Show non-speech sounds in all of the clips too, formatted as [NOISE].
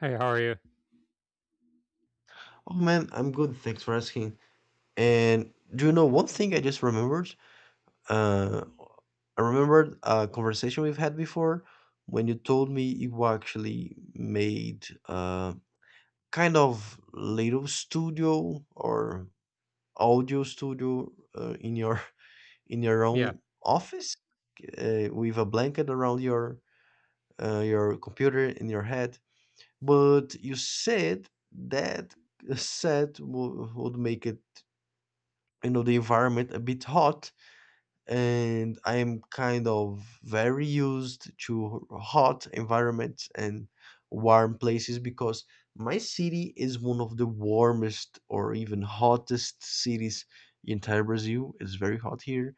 Hey, how are you? Oh man, I'm good. Thanks for asking. And do you know one thing I just remembered? Uh, I remembered a conversation we've had before when you told me you actually made a kind of little studio or audio studio in your [LAUGHS] in your Yeah. own office with a blanket around your computer in your head. But you said that [LAUGHS] would make it. The environment a bit hot, and I am kind of very used to hot environments and warm places, because my city is one of the warmest or even hottest cities in entire Brazil. It's very hot here,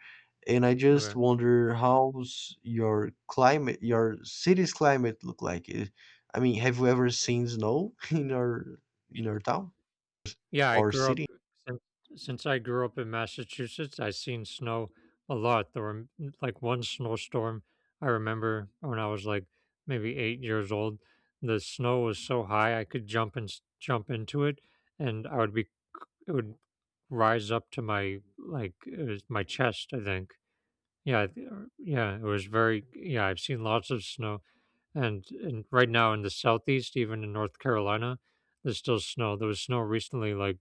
and I just Okay. wonder how's your climate, your city's climate look like. I mean, have you ever seen snow [LAUGHS] in your town Yeah, I or grew up city? since, since I grew up in Massachusetts, I seen snow a lot. There were like one snowstorm I remember when I was like maybe 8 years old. The snow was so high I could jump and jump into it and I would be, it would rise up to my like it was my chest, I think. Yeah, yeah, it was very yeah, I've seen lots of snow. And right now in the southeast, even in North Carolina, there's still snow. There was snow recently, like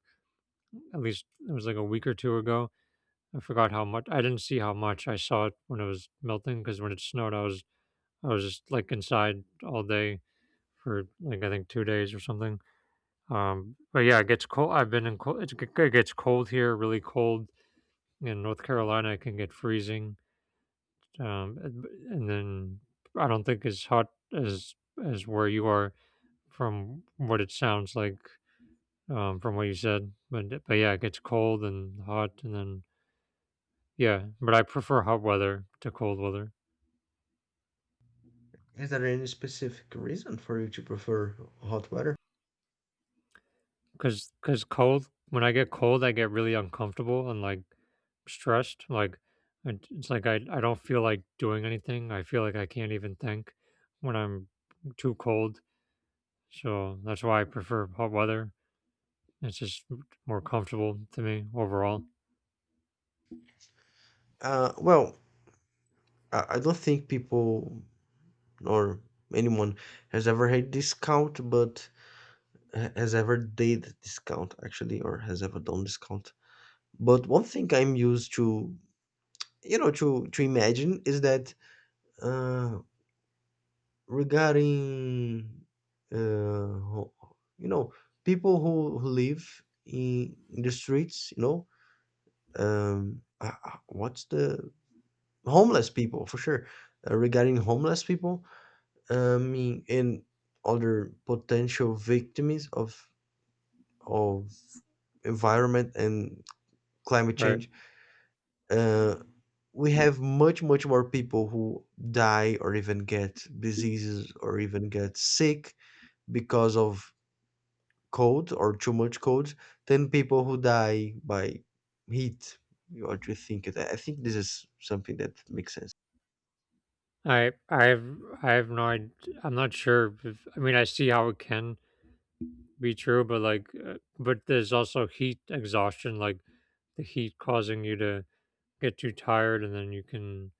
at least it was like a week or two ago. I forgot how much. I didn't see how much. I saw it when it was melting because when it snowed, I was just like inside all day for like I think 2 days or something. But yeah, it gets cold. I've been in cold. It gets cold here, really cold in North Carolina. It can get freezing. Um, and and then I don't think as hot as as where you are from what it sounds like from what you said. But yeah, it gets cold and hot, and then yeah. But I prefer hot weather to cold weather Is there any specific reason for you to prefer hot weather? because cold when I get cold, I get really uncomfortable and like stressed. Like it's like I don't feel like doing anything. I feel like I can't even think when I'm too cold. So that's why I prefer hot weather. It's just more comfortable to me overall. Well, I don't think people or anyone has ever had discount, but has ever did discount actually, or has ever done discount. But one thing I'm used to, you know, to imagine is that uh, regarding uh, ho- you know, people who live in the streets, you know, what's the homeless people for sure. Regarding homeless people, I mean, and other potential victims of environment and climate Right. change, uh, we have much more people who die or even get diseases or even get sick because of cold or too much cold than people who die by heat. What do you think? I think this is something that makes sense. I I have I have no id I'm not sure if I mean, I see how it can be true, but, like, but there's also heat exhaustion, like, the heat causing you to get too tired, and then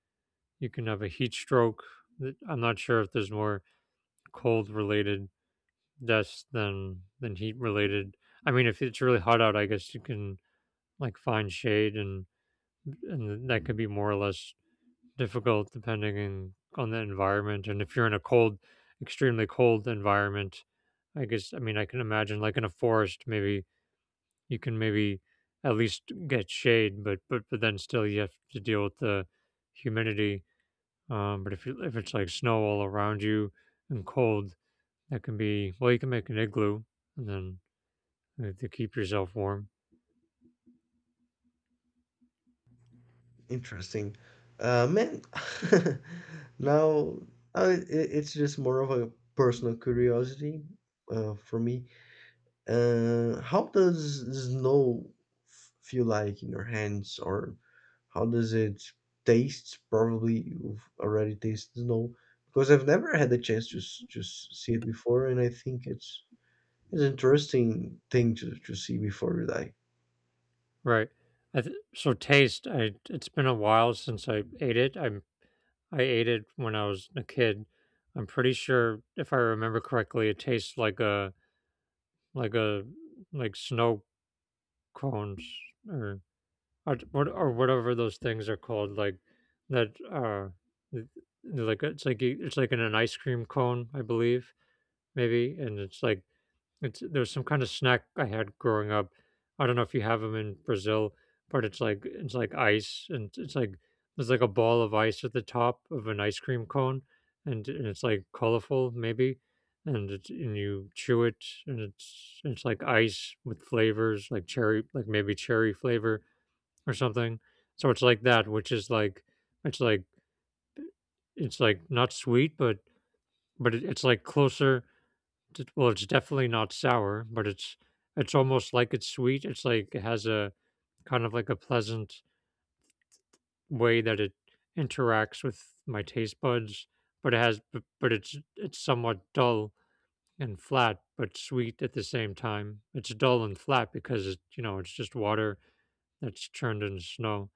you can have a heat stroke. Th I'm not sure if there's more cold-related deaths than heat-related. I mean, if it's really hot out, I guess you can, like, find shade and that could be more or less difficult depending on the environment. And if you're in a extremely cold environment, I guess, I mean, I can imagine like in a forest, maybe you can maybe at least get shade, but then still you have to deal with the humidity. But if you, if it's like snow all around you and cold, that can be, well, you can make an igloo and then to keep yourself warm. Interesting. Man, [LAUGHS] now it's just more of a personal curiosity for me. How does the snow feel like in your hands, or how does it taste? Probably you've already tasted snow, because I've never had the chance see it before, and I think it's an interesting thing to see before you die. Right. So taste, I, it's been a while since I ate it. I ate it when I was a kid. I'm pretty sure, if I remember correctly, it tastes like a like a like snow cones or or whatever those things are called. Like that, th- like it's like it's like in an ice cream cone, I believe, maybe, and it's like it's there's some kind of snack I had growing up. I don't know if you have them in Brazil, but it's like ice, and it's like there's like a ball of ice at the top of an ice cream cone, and it's like colorful maybe, and it's, and you chew it, and it's like ice with flavors like cherry, like maybe cherry flavor or something. So it's like that, which is like it's like it's like not sweet, but it, it's like closer well, it's definitely not sour, but it's almost like it's sweet. It's like it has a kind of like a pleasant way that it interacts with my taste buds, but it's somewhat dull and flat, but sweet at the same time. It's dull and flat because it, you know it's just water that's turned into snow,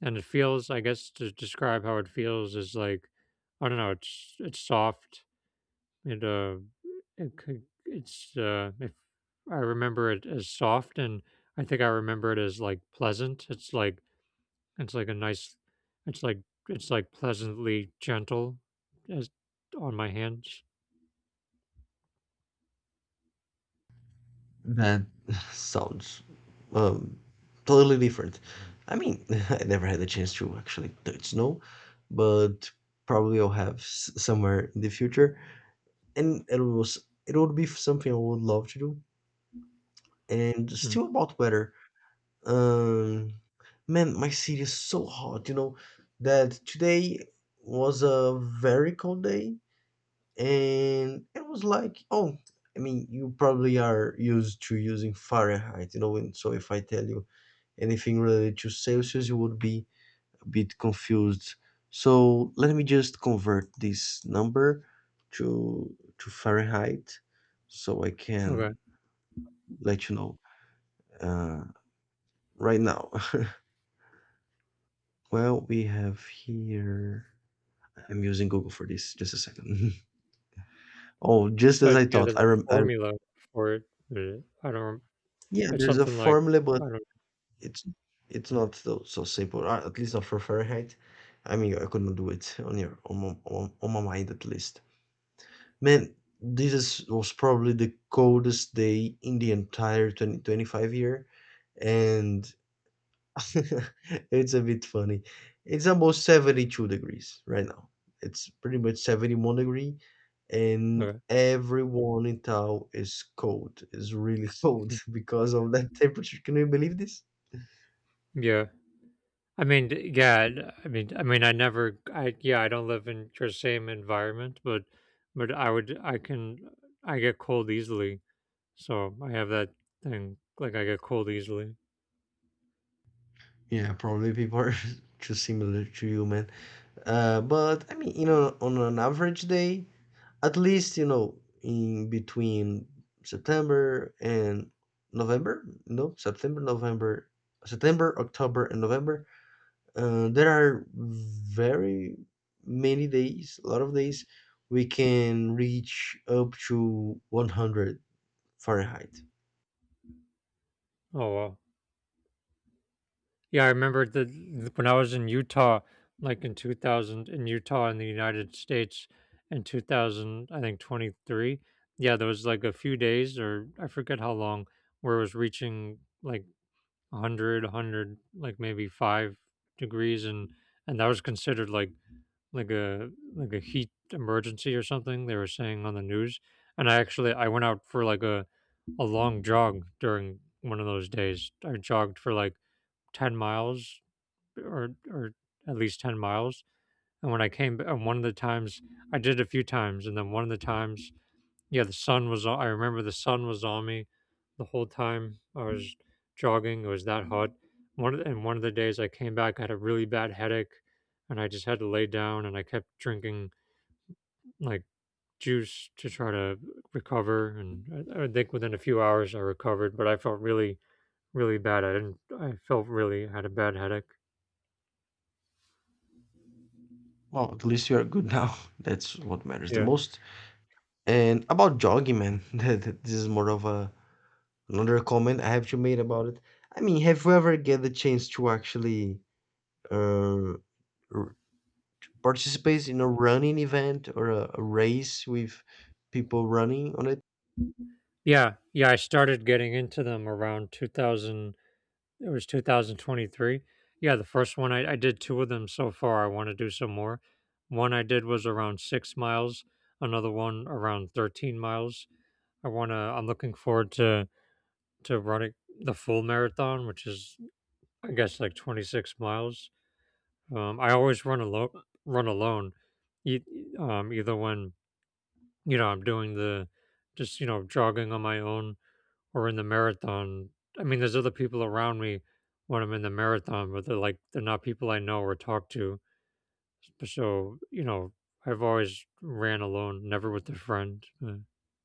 and it feels. I guess to describe how it feels is like I don't know. It's soft it, it could, it's, if I remember it as soft and I think I remember it as like pleasant. It's like a nice, it's like, it's like pleasantly gentle as on my hands. That [SIGHS] sounds um, totally different. I mean, [LAUGHS] I never had the chance to actually touch snow, but probably I'll have somewhere in the future. And it would be something I would love to do. And Mm. still about weather, um, man, my city is so hot. You know that today was a very cold day, and it was like oh, I mean, you probably are used to using Fahrenheit, you know, and so if I tell you anything related to Celsius, you would be a bit confused. So let me just convert this number to Fahrenheit so I Okay. can let you know. uh, right now [LAUGHS] well, we have here, I'm using Google for this, just a second. [LAUGHS] Oh, just So as I yeah, thought, there's a I, formula for it. But I don't, yeah, It's there's a something like, formula, but I don't, It's it's not so simple. At least not for Fahrenheit. I mean, I could not do it on your on my, on my mind at least. Man, was probably the coldest day in the entire 2025 year, and [LAUGHS] it's a bit funny. It's almost 72 degrees right now. It's pretty much 71 degree, and okay. everyone in town is cold. Is really cold, Mm. [LAUGHS] because of that temperature. Can you believe this? Yeah. Yeah, and, I mean, I mean, I never, I yeah, I don't live in your same environment, but I can, I get cold easily, so I have that thing. Like I get cold easily. Yeah, probably people are [LAUGHS] too similar to you, man. But I mean, you know, on an average day, at least, you know, in between September and November, no, September, October, and November, there are very many days, a lot of days, we can reach up to 100 Fahrenheit. Oh wow, yeah, I remember when I was in Utah, like in 2000 in Utah in the United States in 2000, I think 23. Yeah, there was like a few days or I forget how long where it was reaching like 100 100 like maybe 5 degrees and that was considered like a heat emergency or something they were saying on the news and I actually I went out for like a long jog during one of those days I jogged for like 10 miles or at least 10 miles and when and one of the times I did it a few times and then one of the times yeah, the sun was on I remember the sun was on me the whole time I was jogging, it was that hot. One of the and one of the days I came back, I had a really bad headache, and I just had to lay down, and I kept drinking, like, juice to try to recover, and I think within a few hours I recovered, but I felt really, really bad, I didn't I felt really had a bad headache. Well, at least you are good now. [LAUGHS] That's what matters the Yeah. most. And about jogging, man, [LAUGHS] this is more of a another comment I have to make about it. I mean, have you ever get the chance to actually uh, r- participate in a running event or a race with people running on it? Yeah, yeah, I started getting into them around 2000 It was 2023. Yeah, the first one I did two of them so far. I want to do some more. One I did was around 6 miles. Another one around 13 miles. I want to. I'm looking forward to running the full marathon, which is I guess like 26 miles. I always run alone. Run alone. Either when you know I'm doing the just you know jogging on my own or in the marathon. I mean, there's other people around me when I'm in the marathon, but they're like they're not people I know or talk to. So you know, I've always ran alone, never with a friend.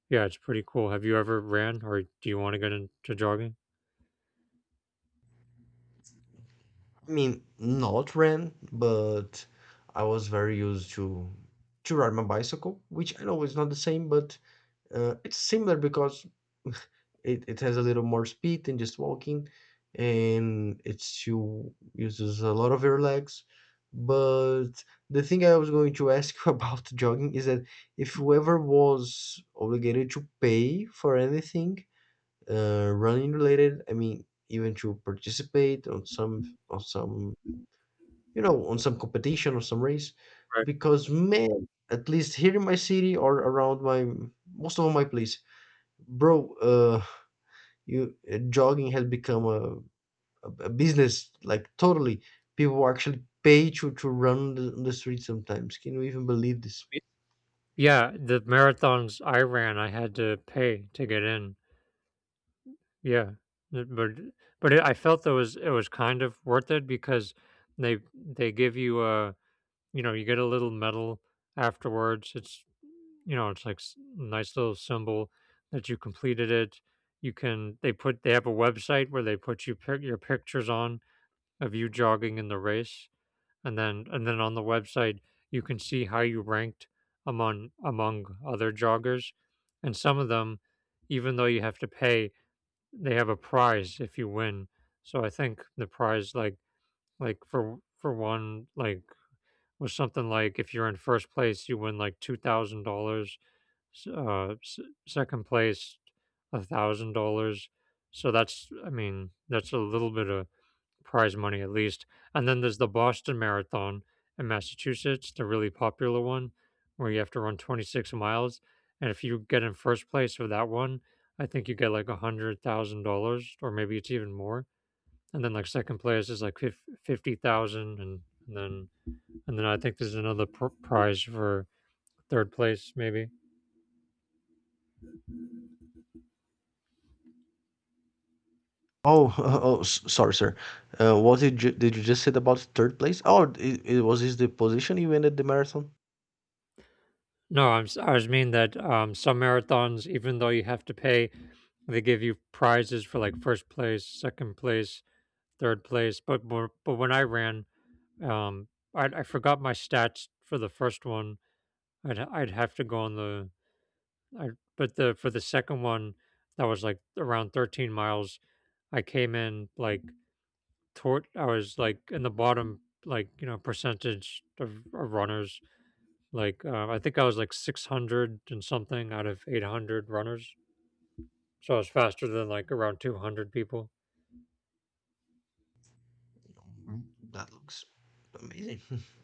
Yeah, it's pretty cool. Have you ever ran, or do you want to get into jogging? I mean, not ran, but I was very used to ride my bicycle, which I know is not the same, but it's similar because it has a little more speed than just walking, and it's you uses a lot of your legs. But the thing I was going to [LAUGHS] ask you about jogging is that if whoever was obligated to pay for anything running related. I mean, even to participate on some, you know, on some competition or some race, Right. because man, at least here in my city or around my most of my place, bro. You jogging has become a business, like, totally people actually pay to run the street sometimes. Can you even believe this? Y- Yeah, the marathons I ran, I had to pay to get in. Yeah, Th- but but it, I felt that was it was kind of worth it because they give you a you know you get a little medal afterwards. It's you know, it's like nice little symbol that you completed it. You can They put they have a website where they put your pictures on of you jogging in the race, and then on the website you can see how you ranked among among other joggers, and some of them, even though you have to pay, they have a prize if you win. So I think the prize like for one like was something like if you're in first place you win like $2,000 s- uh, s- second place $1,000. So that's I mean that's a little bit of prize money at least. And then there's the Boston Marathon in Massachusetts, the really popular one where you have to run 26 miles. And if you get in first place for that one, I think you get like $100,000, or maybe it's even more. And then like second place is like 50,000, and then and then I think there's another prize for third place, maybe. Oh, [LAUGHS] oh, sorry sir, what did you just said about third place? Oh, it was this the position you ended the marathon? No, I was mean that some marathons, even though you have to pay, they give you prizes for like first place, second place, third place. But more, but when I ran, um, I forgot my stats for the first one. I'd have to go on I, but the for the second one, that was like around 13 miles. I came in like toward, I was like in the bottom, like you know, percentage of runners. Like, I think I was like 600 and something out of 800 runners. So I was faster than like around 200 people. Mm, that looks amazing. [LAUGHS]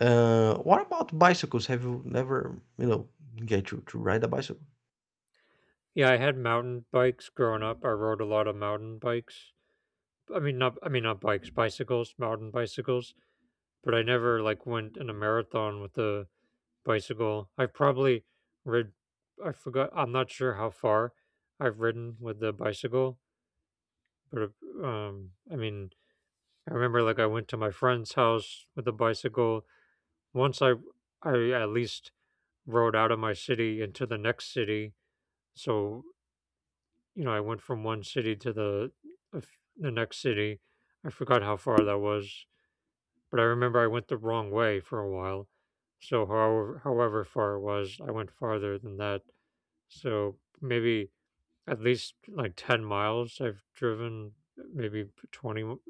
Uh, what about bicycles? Have you never, you know, get to ride a bicycle? Yeah, I had mountain bikes growing up. I rode a lot of mountain bikes. I mean, not bikes, bicycles, mountain bicycles. But I never like went in a marathon with a bicycle. I've probably rid. I forgot. I'm not sure how far I've ridden with the bicycle. But I mean, I remember like I went to my friend's house with a bicycle Once I at least rode out of my city into the next city, so, you know, I went from one city to the of the next city. I forgot how far that was, but I remember I went the wrong way for a while. So however far it was, I went farther than that. So maybe at least like 10 miles I've driven, maybe 20,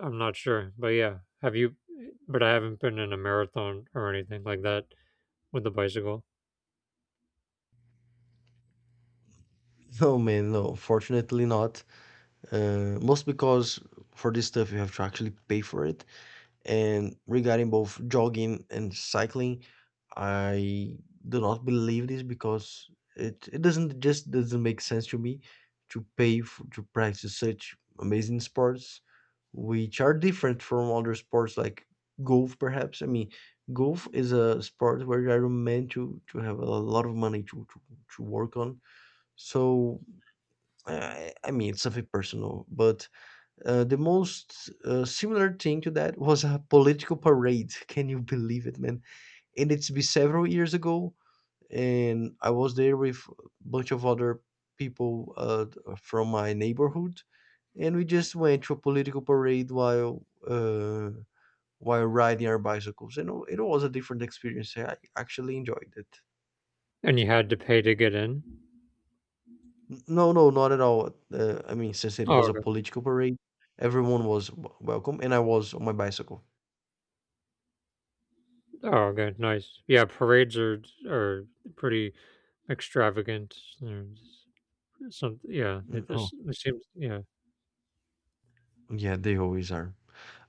I'm not sure. But I haven't been in a marathon or anything like that with the bicycle. No man, no, fortunately not. Most because for this stuff you have to actually pay for it. And regarding both jogging and cycling, I do not believe this because it doesn't just doesn't make sense to me to pay to practice such amazing sports, which are different from other sports like golf perhaps. I mean, golf is a sport where I are meant to have a lot of money to work on. So I mean it's something personal, but the most similar thing to that was a political parade. [LAUGHS] Can you believe it, man? And it's been several years ago, and I was there with a bunch of other people from my neighborhood, and we just went to a political parade while riding our bicycles. And it was a different experience. I actually enjoyed it. And you had to pay to get in? N- No, no, not at all. I mean, since it Oh, was a okay. political parade, everyone was welcome, and I was on my bicycle. Oh, good, Nice. Yeah, parades are pretty extravagant. There's some, yeah, Mm, it oh. just it seems, yeah. Yeah, they always are.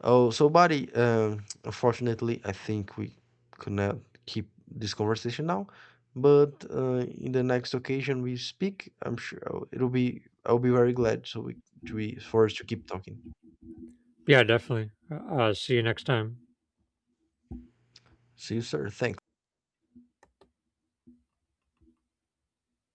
Oh, so buddy, unfortunately, I think we could not keep this conversation now, but in the next occasion we speak, I'm sure it'll be I'll be very glad so we to be for us to keep talking. Yeah, definitely. See you next time. See you, sir. Thanks.